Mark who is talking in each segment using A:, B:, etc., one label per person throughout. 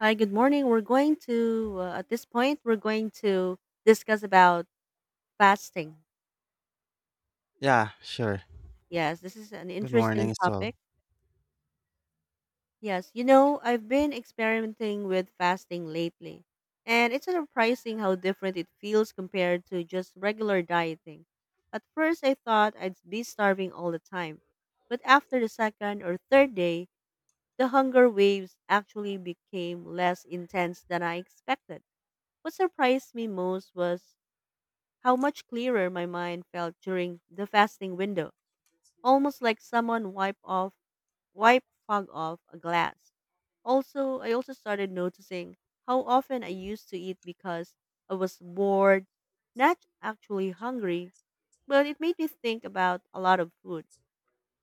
A: Hi, good morning. We're going to, at this point, we're going to discuss about fasting.
B: Yeah, sure.
A: Yes, this is an
B: Good
A: interesting
B: morning as
A: topic.
B: well.
A: Yes, you know, I've been experimenting with fasting lately, and it's surprising how different it feels compared to just regular dieting. At first, I thought I'd be starving all the time, but after the second or third day, the hunger waves actually became less intense than I expected. What surprised me most was how much clearer my mind felt during the fasting window, almost like someone wipe off wipe fog off a glass. I also started noticing how often I used to eat because I was bored, not actually hungry, but it made me think about a lot of food,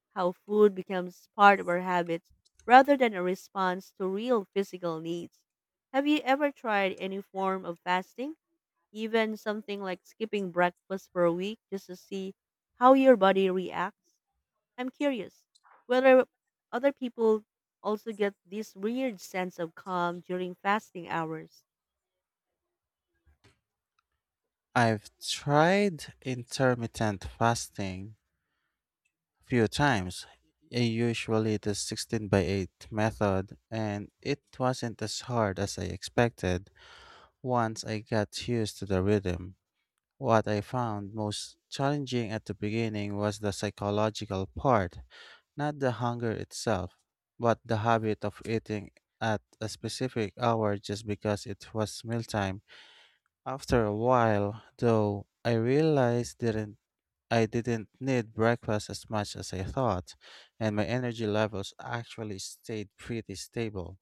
A: how food becomes part of our habits rather than a response to real physical needs. Have you ever tried any form of fasting? Even something like skipping breakfast for a week just to see how your body reacts. I'm curious whether other people also get this weird sense of calm during fasting hours.
B: I've tried intermittent fasting a few times, usually the 16 by 8 method, and it wasn't as hard as I expected once I got used to the rhythm. What I found most challenging at the beginning was the psychological part, not the hunger itself, but the habit of eating at a specific hour just because it was mealtime. After a while, though, I realized didn't I didn't need breakfast as much as I thought, and my energy levels actually stayed pretty stable.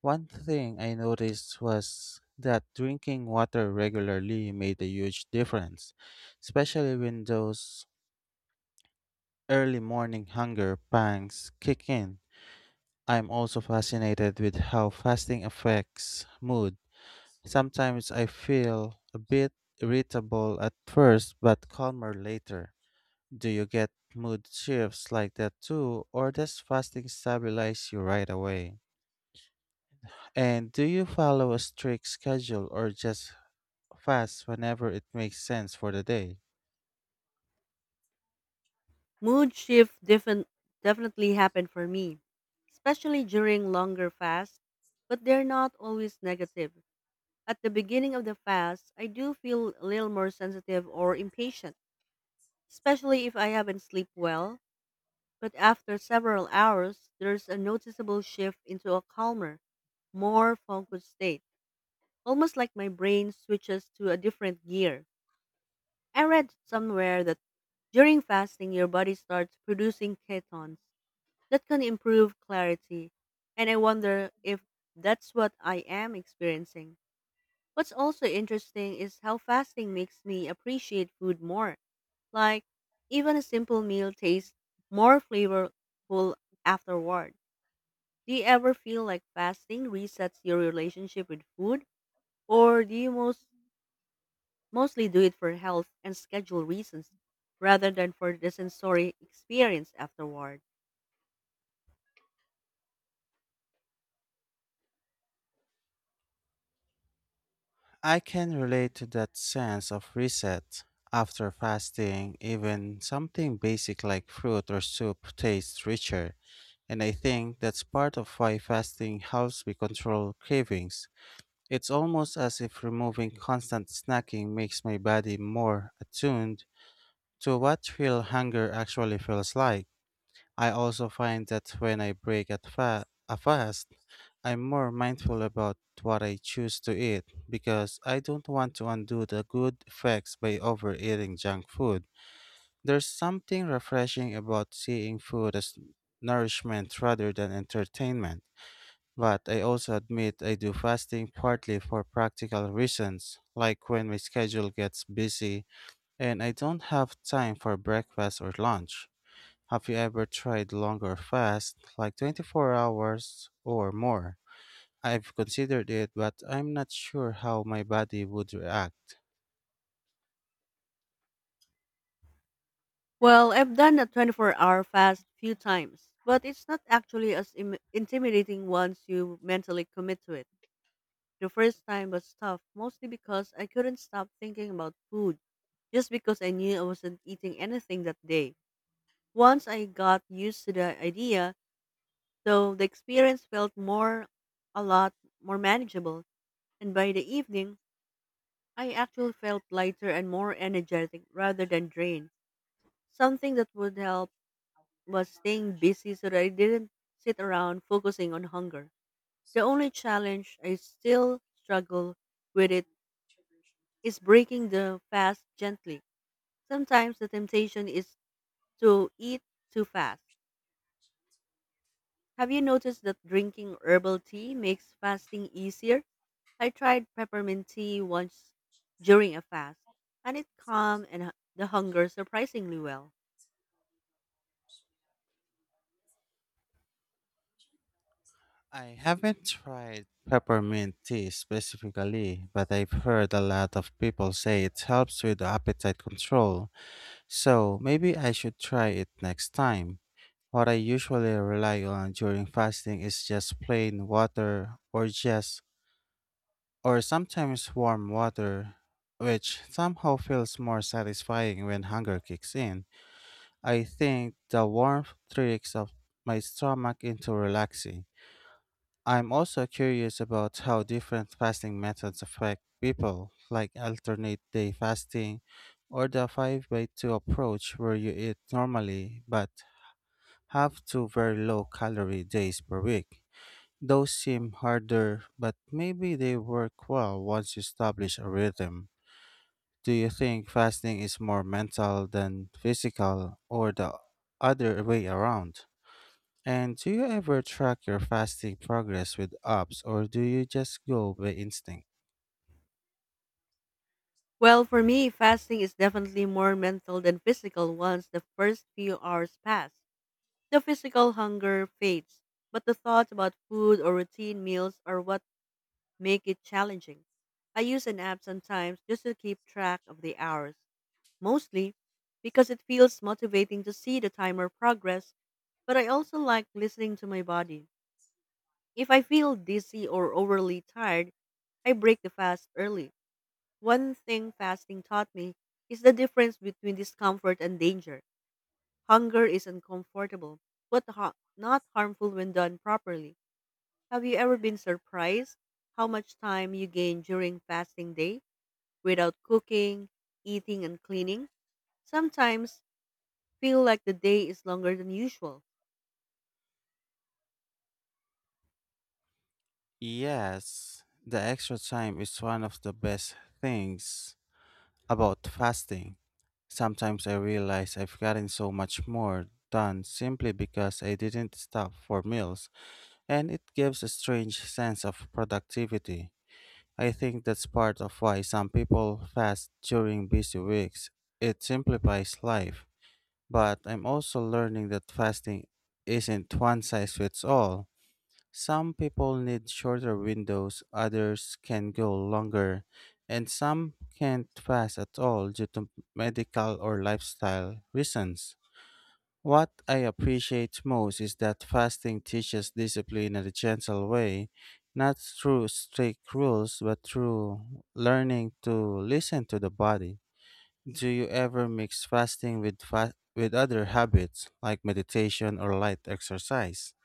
B: One thing I noticed was that drinking water regularly made a huge difference, especially when those early morning hunger pangs kick in. I'm also fascinated with how fasting affects mood. Sometimes I feel a bit irritable at first but calmer later. Do you get mood shifts like that too, or does fasting stabilize you right away? And do you follow a strict schedule or just fast whenever it makes sense for the day?
A: Mood shift defin- definitely happened for me, especially during longer fasts, but they're not always negative. At the beginning of the fast, I do feel a little more sensitive or impatient, especially if I haven't slept well. But after several hours, there's a noticeable shift into a calmer, more focused state, almost like my brain switches to a different gear. I read somewhere that during fasting, your body starts producing ketones that can improve clarity, and I wonder if that's what I am experiencing. What's also interesting is how fasting makes me appreciate food more. Like, even a simple meal tastes more flavorful afterward. Do you ever feel like fasting resets your relationship with food, or do you most mostly do it for health and schedule reasons rather than for the sensory experience afterward?
B: I can relate to that sense of reset. After fasting, even something basic like fruit or soup tastes richer. And I think that's part of why fasting helps me control cravings. It's almost as if removing constant snacking makes my body more attuned to what real hunger actually feels like. I also find that when I break a fast, I'm more mindful about what I choose to eat because I don't want to undo the good effects by overeating junk food. There's something refreshing about seeing food as nourishment rather than entertainment. But I also admit I do fasting partly for practical reasons, like when my schedule gets busy and I don't have time for breakfast or lunch. Have you ever tried longer fast, like 24 hours or more? I've considered it, but I'm not sure how my body would react.
A: Well, I've done a 24-hour fast few times, but it's not actually as intimidating once you mentally commit to it. The first time was tough, mostly because I couldn't stop thinking about food, just because I knew I wasn't eating anything that day. Once I got used to the idea, so the experience felt a lot more manageable, and by the evening, I actually felt lighter and more energetic rather than drained. Something that would help was staying busy so that I didn't sit around focusing on hunger. The only challenge I still struggle with it is breaking the fast gently. Sometimes the temptation is to eat too fast. Have you noticed that drinking herbal tea makes fasting easier? I tried peppermint tea once during a fast, and it calmed the hunger surprisingly well.
B: I haven't tried peppermint tea specifically, but I've heard a lot of people say it helps with appetite control. So maybe I should try it next time. What I usually rely on during fasting is just plain water or sometimes warm water, which somehow feels more satisfying when hunger kicks in. I think the warmth tricks of my stomach into relaxing. I'm also curious about how different fasting methods affect people, like alternate day fasting or the 5 by 2 approach where you eat normally but have two very low calorie days per week. Those seem harder, but maybe they work well once you establish a rhythm. Do you think fasting is more mental than physical, or the other way around? And do you ever track your fasting progress with apps, or do you just go by instinct?
A: Well, for me, fasting is definitely more mental than physical once the first few hours pass. The physical hunger fades, but the thoughts about food or routine meals are what make it challenging. I use an app sometimes just to keep track of the hours, mostly because it feels motivating to see the timer progress, but I also like listening to my body. If I feel dizzy or overly tired, I break the fast early. One thing fasting taught me is the difference between discomfort and danger. Hunger is uncomfortable, but not harmful when done properly. Have you ever been surprised how much time you gain during fasting day without cooking, eating, and cleaning? Sometimes feel like the day is longer than usual.
B: Yes, the extra time is one of the best things about fasting. Sometimes I realize I've gotten so much more done simply because I didn't stop for meals, and it gives a strange sense of productivity. I think that's part of why some people fast during busy weeks. It simplifies life. But I'm also learning that fasting isn't one size fits all. Some people need shorter windows, others can go longer, and some can't fast at all due to medical or lifestyle reasons. What I appreciate most is that fasting teaches discipline in a gentle way, not through strict rules, but through learning to listen to the body. Do you ever mix fasting with other habits like meditation or light exercise?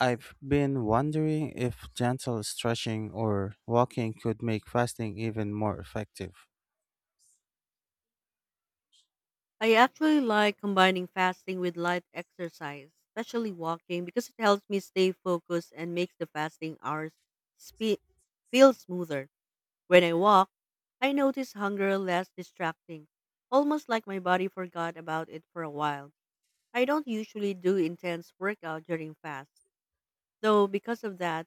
B: I've been wondering if gentle stretching or walking could make fasting even more effective.
A: I actually like combining fasting with light exercise, especially walking, because it helps me stay focused and makes the fasting hours spe- feel smoother. When I walk, I notice hunger less distracting, almost like my body forgot about it for a while. I don't usually do intense workout during fast, though because of that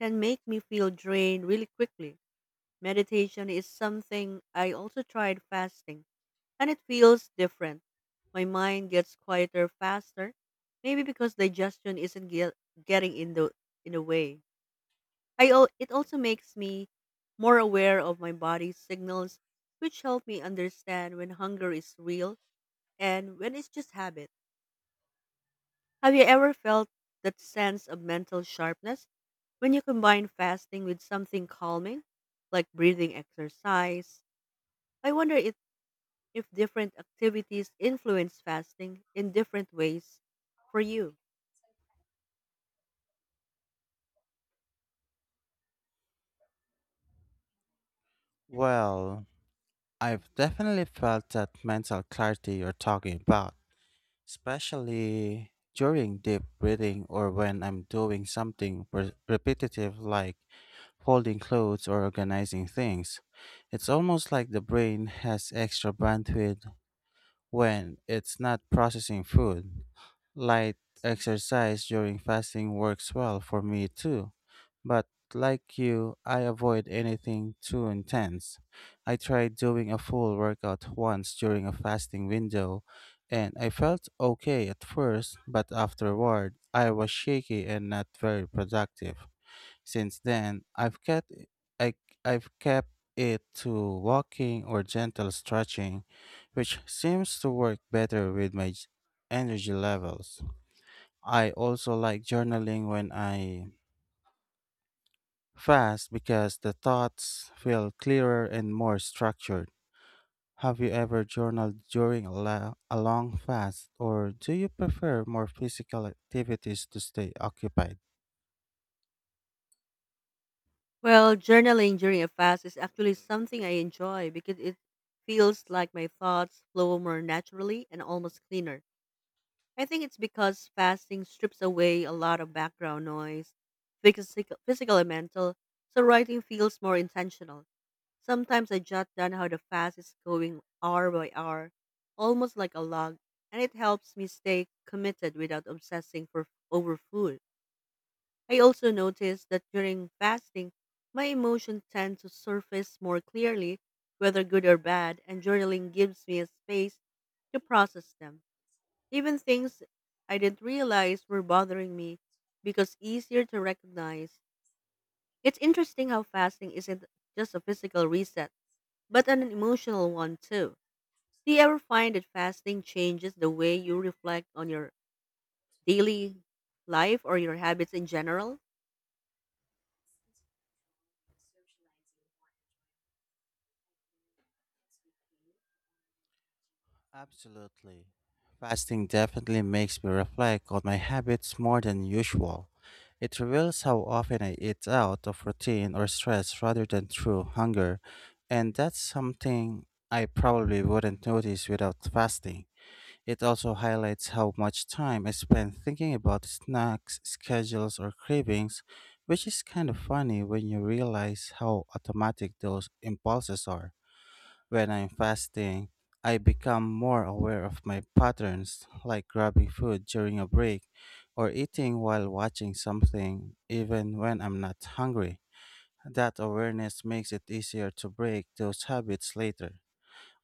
A: can make me feel drained really quickly. Meditation is something I also tried fasting and it feels different. My mind gets quieter faster, maybe because digestion isn't ge- getting in the way. It also makes me more aware of my body's signals, which help me understand when hunger is real and when it's just habit. Have you ever felt that sense of mental sharpness when you combine fasting with something calming, like breathing exercise? I wonder if different activities influence fasting in different ways for you?
B: Well, I've definitely felt that mental clarity you're talking about, especially during deep breathing or when I'm doing something repetitive like folding clothes or organizing things. It's almost like the brain has extra bandwidth when it's not processing food. Light exercise during fasting works well for me too, but like you, I avoid anything too intense. I tried doing a full workout once during a fasting window, and I felt okay at first, but afterward, I was shaky and not very productive. Since then, I, I've kept it to walking or gentle stretching, which seems to work better with my energy levels. I also like journaling when I fast because the thoughts feel clearer and more structured. Have you ever journaled during a long fast, or do you prefer more physical activities to stay occupied?
A: Well, journaling during a fast is actually something I enjoy because it feels like my thoughts flow more naturally and almost cleaner. I think it's because fasting strips away a lot of background noise, physical and mental, so writing feels more intentional. Sometimes I jot down how the fast is going hour by hour, almost like a log, and it helps me stay committed without obsessing for over food. I also notice that during fasting, my emotions tend to surface more clearly, whether good or bad, and journaling gives me a space to process them. Even things I didn't realize were bothering me because easier to recognize. It's interesting how fasting isn't just a physical reset but an emotional one too. Do you ever find that fasting changes the way you reflect on your daily life or your habits in general?
B: Absolutely. Fasting definitely makes me reflect on my habits more than usual. It reveals how often I eat out of routine or stress rather than through hunger, and that's something I probably wouldn't notice without fasting. It also highlights how much time I spend thinking about snacks, schedules, or cravings, which is kind of funny when you realize how automatic those impulses are. When I'm fasting, I become more aware of my patterns, like grabbing food during a break or eating while watching something, even when I'm not hungry. That awareness makes it easier to break those habits later.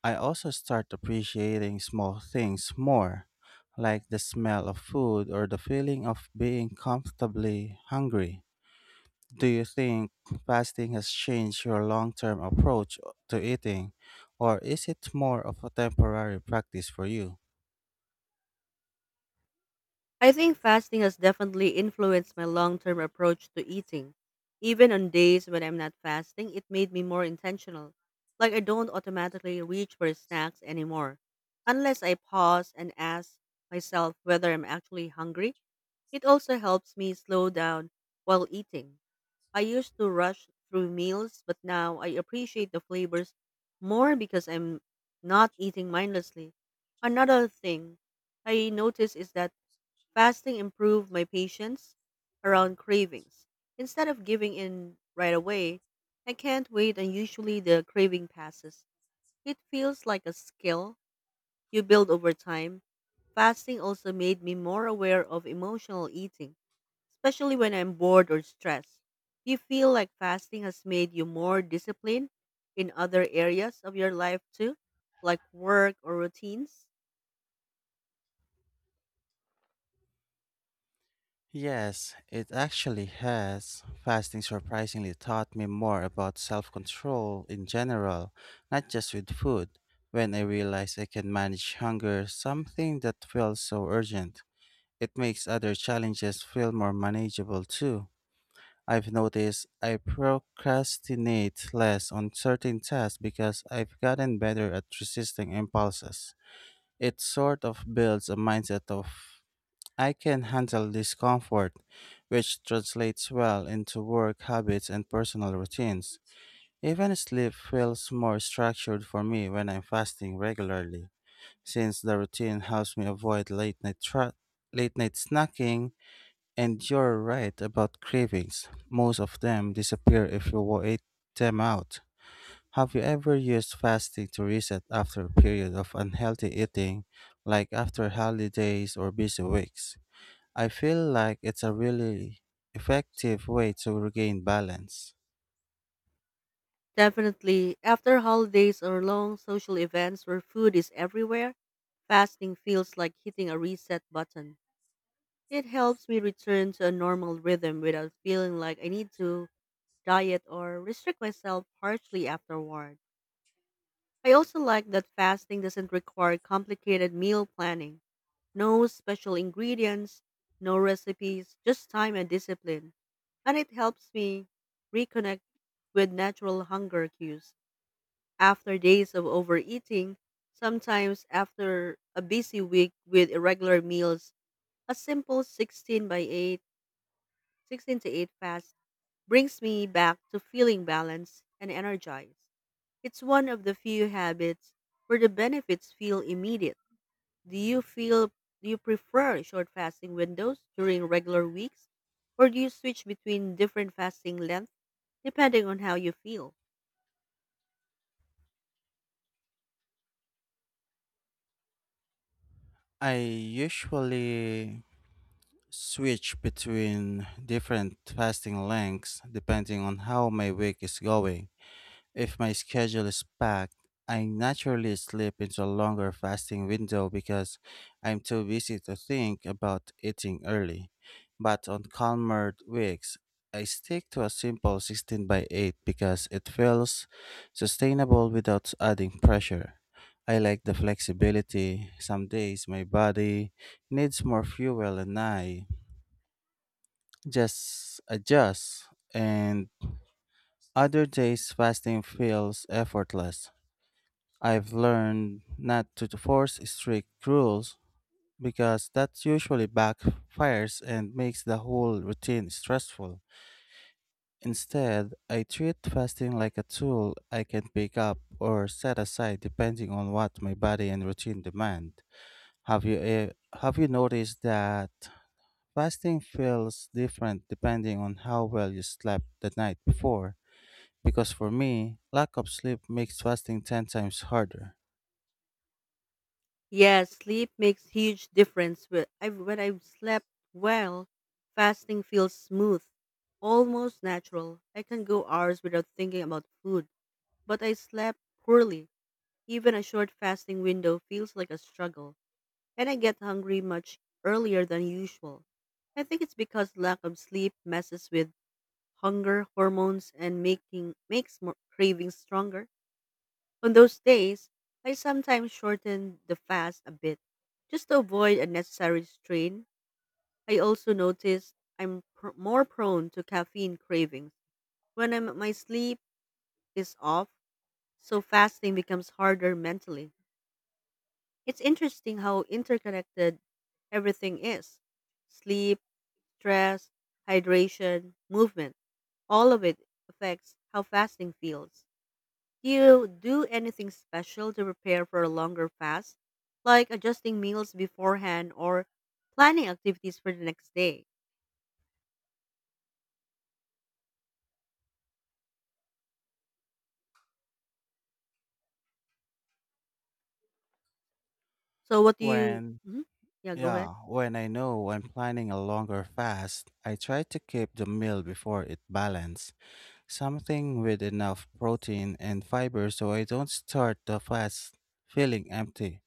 B: I also start appreciating small things more, like the smell of food or the feeling of being comfortably hungry. Do you think fasting has changed your long term approach to eating, or is it more of a temporary practice for you?
A: I think fasting has definitely influenced my long term approach to eating. Even on days when I'm not fasting, it made me more intentional. Like I don't automatically reach for snacks anymore. Unless I pause and ask myself whether I'm actually hungry, it also helps me slow down while eating. I used to rush through meals, but now I appreciate the flavors more because I'm not eating mindlessly. Another thing I noticed is that fasting improved my patience around cravings. Instead of giving in right away, I can't wait and usually the craving passes. It feels like a skill you build over time. Fasting also made me more aware of emotional eating especially when I'm bored or stressed. Do you feel like fasting has made you more disciplined in other areas of your life too, like work or routines?
B: Yes, it actually has. Fasting surprisingly taught me more about self control in general, not just with food. When I realized I can manage hunger, something that felt so urgent, it makes other challenges feel more manageable too. I've noticed I procrastinate less on certain tasks because I've gotten better at resisting impulses. It sort of builds a mindset of I can handle discomfort, which translates well into work habits and personal routines. Even sleep feels more structured for me when I'm fasting regularly, since the routine helps me avoid late night snacking. And you're right about cravings. Most of them disappear if you wait them out. Have you ever used fasting to reset after a period of unhealthy eating, like after holidays or busy weeks? I feel like it's a really effective way to regain balance.
A: Definitely, after holidays or long social events where food is everywhere, fasting feels like hitting a reset button. It helps me return to a normal rhythm without feeling like I need to diet or restrict myself harshly afterward. I also like that fasting doesn't require complicated meal planning. No special ingredients, no recipes, just time and discipline. And it helps me reconnect with natural hunger cues after days of overeating, sometimes after a busy week with irregular meals. A simple 16 by 8, 16 to 8 fast brings me back to feeling balanced and energized. It's one of the few habits where the benefits feel immediate. Do you feel do you prefer short fasting windows during regular weeks or do you switch between different fasting lengths depending on how you feel?
B: I usually switch between different fasting lengths depending on how my week is going. If my schedule is packed, I naturally slip into a longer fasting window because I'm too busy to think about eating early. But on calmer weeks, I stick to a simple 16 by 8 because it feels sustainable without adding pressure. I like the flexibility. Some days my body needs more fuel and I just adjust, and other days fasting feels effortless. I've learned not to force strict rules because that usually backfires and makes the whole routine stressful. Instead, I treat fasting like a tool I can pick up or set aside depending on what my body and routine demand. Have you eh, have you noticed that fasting feels different depending on how well you slept the night before? Because for me, lack of sleep makes fasting 10 times harder.
A: Yes, sleep makes huge difference. When I've slept well, fasting feels smooth, almost natural. I can go hours without thinking about food, but I slept poorly. Even a short fasting window feels like a struggle. And I get hungry much earlier than usual. I think it's because lack of sleep messes with hunger hormones and making makes more cravings stronger. On those days, I sometimes shorten the fast a bit just to avoid unnecessary strain. I also noticed I'm more prone to caffeine cravings when my sleep is off, so fasting becomes harder mentally. It's interesting how interconnected everything is: sleep, stress, hydration, movement, all of it affects how fasting feels. Do you do anything special to prepare for a longer fast, like adjusting meals beforehand or planning activities for the next day? So, what do you?
B: When
A: Mhm. Yeah, go ahead.
B: Yeah, when I know I'm planning a longer fast, I try to keep the meal before it balanced, something with enough protein and fiber so I don't start the fast feeling empty.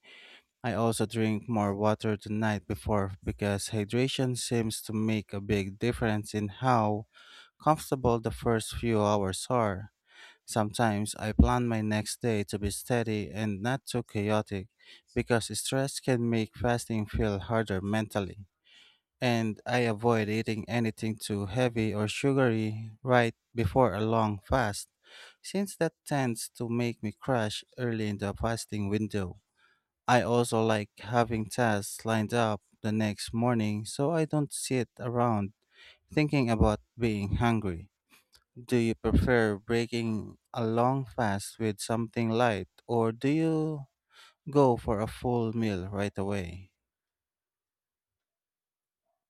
B: I also drink more water the night before because hydration seems to make a big difference in how comfortable the first few hours are. Sometimes I plan my next day to be steady and not too chaotic because stress can make fasting feel harder mentally, and I avoid eating anything too heavy or sugary right before a long fast, since that tends to make me crash early in the fasting window. I also like having tasks lined up the next morning so I don't sit around thinking about being hungry. Do you prefer breaking a long fast with something light, or do you go for a full meal right away?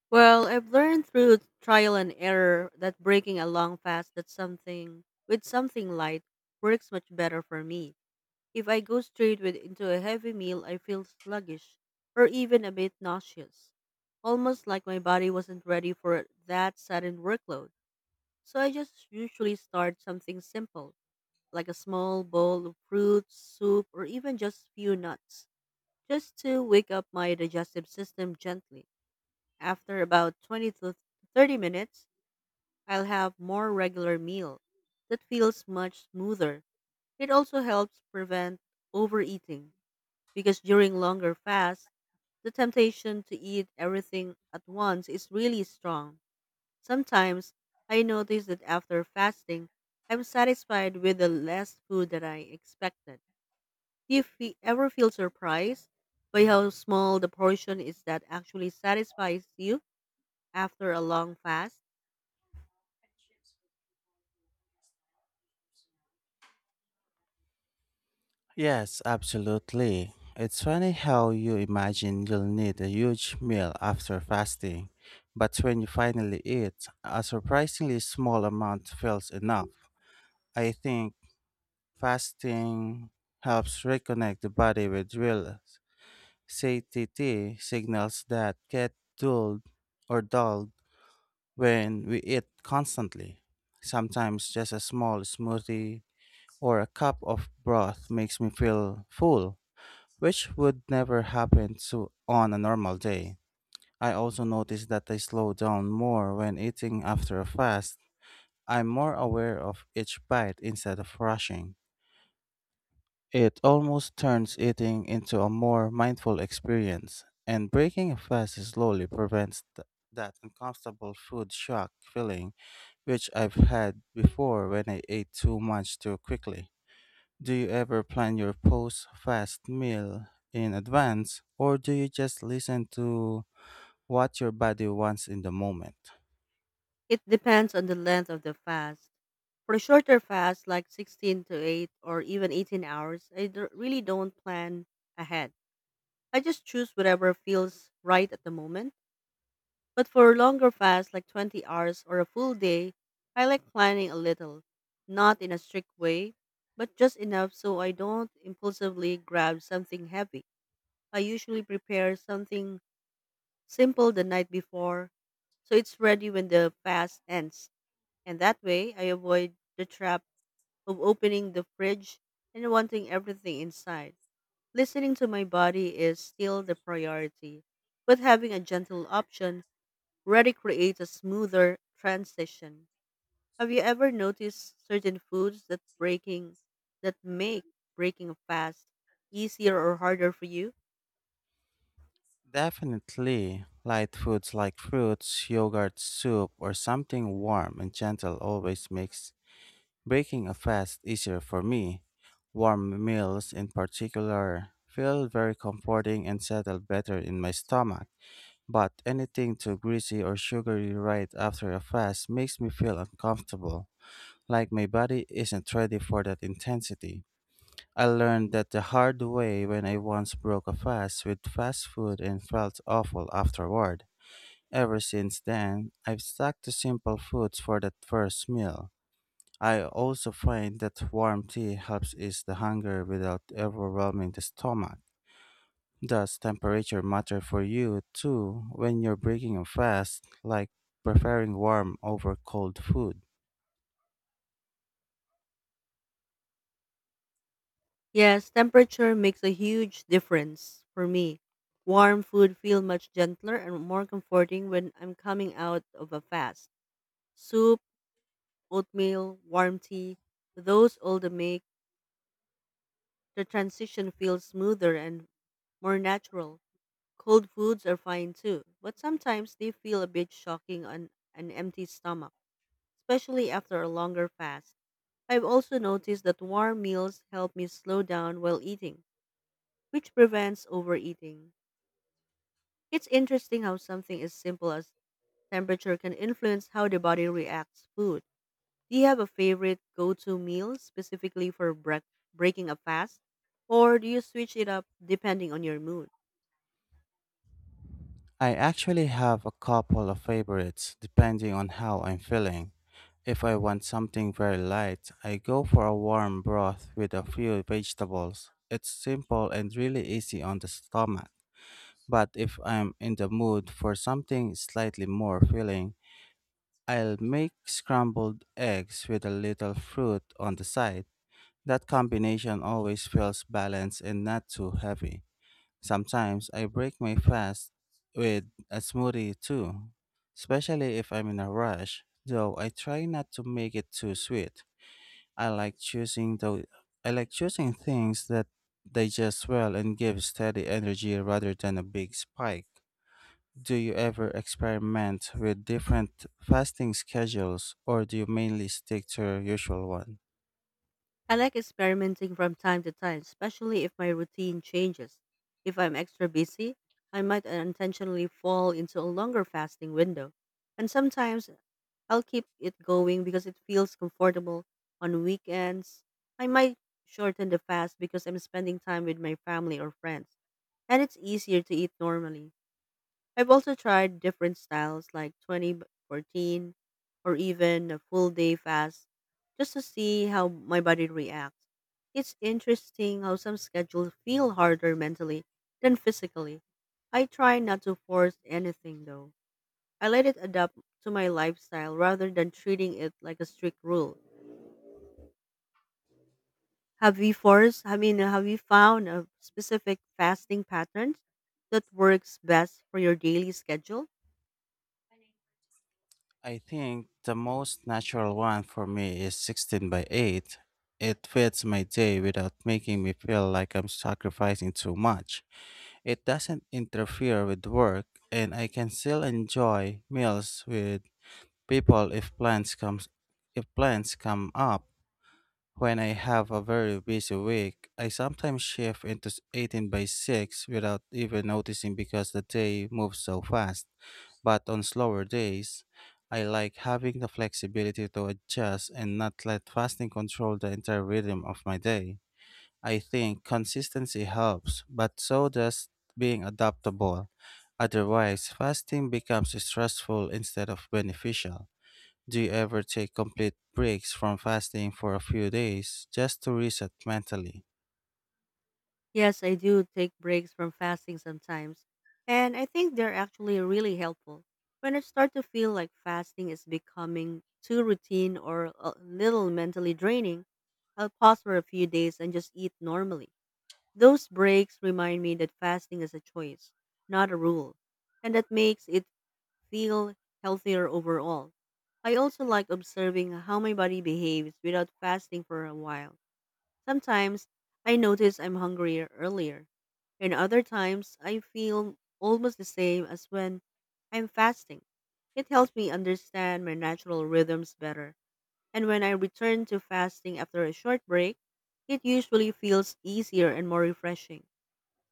A: Well, I've learned through trial and error that breaking a long fast that something with something light works much better for me. If I go straight with into a heavy meal, I feel sluggish or even a bit nauseous, almost like my body wasn't ready for that sudden workload. So I just usually start something simple, like a small bowl of fruits, soup, or even just few nuts, just to wake up my digestive system gently. After about 20 to 30 minutes, I'll have more regular meal that feels much smoother. It also helps prevent overeating because during longer fasts, the temptation to eat everything at once is really strong. Sometimes I notice that after fasting, I'm satisfied with the less food that I expected. Do you ever feel surprised by how small the portion is that actually satisfies you after a long fast?
B: Yes, absolutely. It's funny how you imagine you'll need a huge meal after fasting, but when you finally eat, a surprisingly small amount feels enough. I think fasting helps reconnect the body with real satiety signals that get dulled when we eat constantly. Sometimes just a small smoothie or a cup of broth makes me feel full, which would never happen to on a normal day. I also notice that I slow down more when eating after a fast. I'm more aware of each bite instead of rushing. It almost turns eating into a more mindful experience, and breaking a fast slowly prevents that uncomfortable food shock feeling, which I've had before when I ate too much too quickly. Do you ever plan your post fast meal in advance, or do you just listen to what your body wants in the moment?
A: It depends on the length of the fast. For shorter fasts like 16 to 8 or even 18 hours, I really don't plan ahead. I just choose whatever feels right at the moment. But for longer fasts, like 20 hours or a full day, I like planning a little, not in a strict way, but just enough so I don't impulsively grab something heavy. I usually prepare something simple the night before so it's ready when the fast ends. And that way, I avoid the trap of opening the fridge and wanting everything inside. Listening to my body is still the priority, but having a gentle option really creates a smoother transition. Have you ever noticed certain foods that make breaking a fast easier or harder for you?
B: Definitely, light foods like fruits, yogurt, soup, or something warm and gentle always makes breaking a fast easier for me. Warm meals, in particular, feel very comforting and settle better in my stomach. But anything too greasy or sugary right after a fast makes me feel uncomfortable, like my body isn't ready for that intensity. I learned that the hard way when I once broke a fast with fast food and felt awful afterward. Ever since then, I've stuck to simple foods for that first meal. I also find that warm tea helps ease the hunger without overwhelming the stomach. Does temperature matter for you too when you're breaking a fast, like preferring warm over cold food?
A: Yes, temperature makes a huge difference for me. Warm food feel much gentler and more comforting when I'm coming out of a fast. Soup, oatmeal, warm tea, those all the make the transition feels smoother and more natural. Cold foods are fine too, but sometimes they feel a bit shocking on an empty stomach, especially after a longer fast. I've also noticed that warm meals help me slow down while eating, which prevents overeating. It's interesting how something as simple as temperature can influence how the body reacts to food. Do you have a favorite go-to meal specifically for breaking a fast, or do you switch it up depending on your mood?
B: I actually have a couple of favorites depending on how I'm feeling. If I want something very light, I go for a warm broth with a few vegetables. It's simple and really easy on the stomach. But if I'm in the mood for something slightly more filling, I'll make scrambled eggs with a little fruit on the side. That combination always feels balanced and not too heavy. Sometimes I break my fast with a smoothie too, especially if I'm in a rush, though I try not to make it too sweet. I like choosing though I like choosing things that digest well and give steady energy rather than a big spike. Do you ever experiment with different fasting schedules or do you mainly stick to your usual one?
A: I like experimenting from time to time, especially if my routine changes. If I'm extra busy, I might unintentionally fall into a longer fasting window. And sometimes I'll keep it going because it feels comfortable. On weekends, I might shorten the fast because I'm spending time with my family or friends, and it's easier to eat normally. I've also tried different styles like 2014 or even a full day fast just to see how my body reacts. It's interesting how some schedules feel harder mentally than physically. I try not to force anything though. I let it adapt to my lifestyle rather than treating it like a strict rule. Have you forced, I mean, Have you found a specific fasting patterns that works best for your daily schedule?
B: I think the most natural one for me is 16 by 8. It fits my day without making me feel like I'm sacrificing too much. It doesn't interfere with work, and I can still enjoy meals with people if plans come up. When I have a very busy week, I sometimes shift into 18 by 6 without even noticing because the day moves so fast. But on slower days, I like having the flexibility to adjust and not let fasting control the entire rhythm of my day. I think consistency helps, but so does being adaptable. Otherwise, fasting becomes stressful instead of beneficial. Do you ever take complete breaks from fasting for a few days just to reset mentally?
A: Yes, I do take breaks from fasting sometimes, and I think they're actually really helpful. When I start to feel like fasting is becoming too routine or a little mentally draining, I'll pause for a few days and just eat normally. Those breaks remind me that fasting is a choice, not a rule, and that makes it feel healthier overall. I also like observing how my body behaves without fasting for a while. Sometimes I notice I'm hungrier earlier, and other times I feel almost the same as when I'm fasting. It helps me understand my natural rhythms better. And when I return to fasting after a short break, it usually feels easier and more refreshing.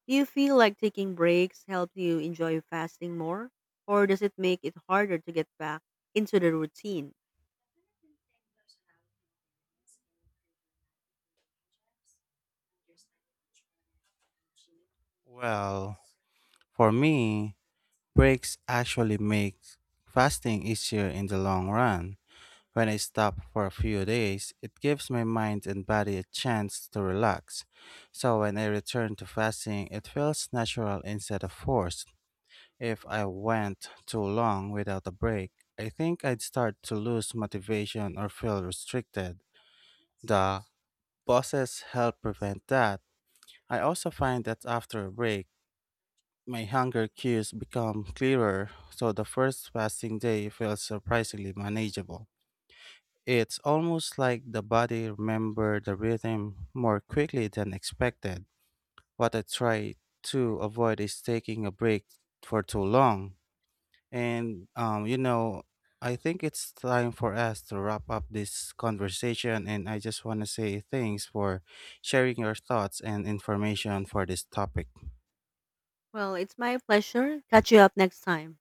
A: Do you feel like taking breaks helps you enjoy fasting more? Or does it make it harder to get back into the routine?
B: Well, for me, breaks actually make fasting easier in the long run. When I stop for a few days, it gives my mind and body a chance to relax. So when I return to fasting, it feels natural instead of forced. If I went too long without a break, I think I'd start to lose motivation or feel restricted. The Bosses help prevent that. I also find that after a break, my hunger cues become clearer, so the first fasting day feels surprisingly manageable. It's almost like the body remember the rhythm more quickly than expected. What I try to avoid is taking a break for too long. And, um, you know, I think it's time for us to wrap up this conversation. And I just want to say thanks for sharing your thoughts and information for this topic.
A: Well, it's my pleasure. Catch you up next time.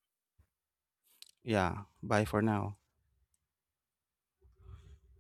B: Yeah. Bye for now.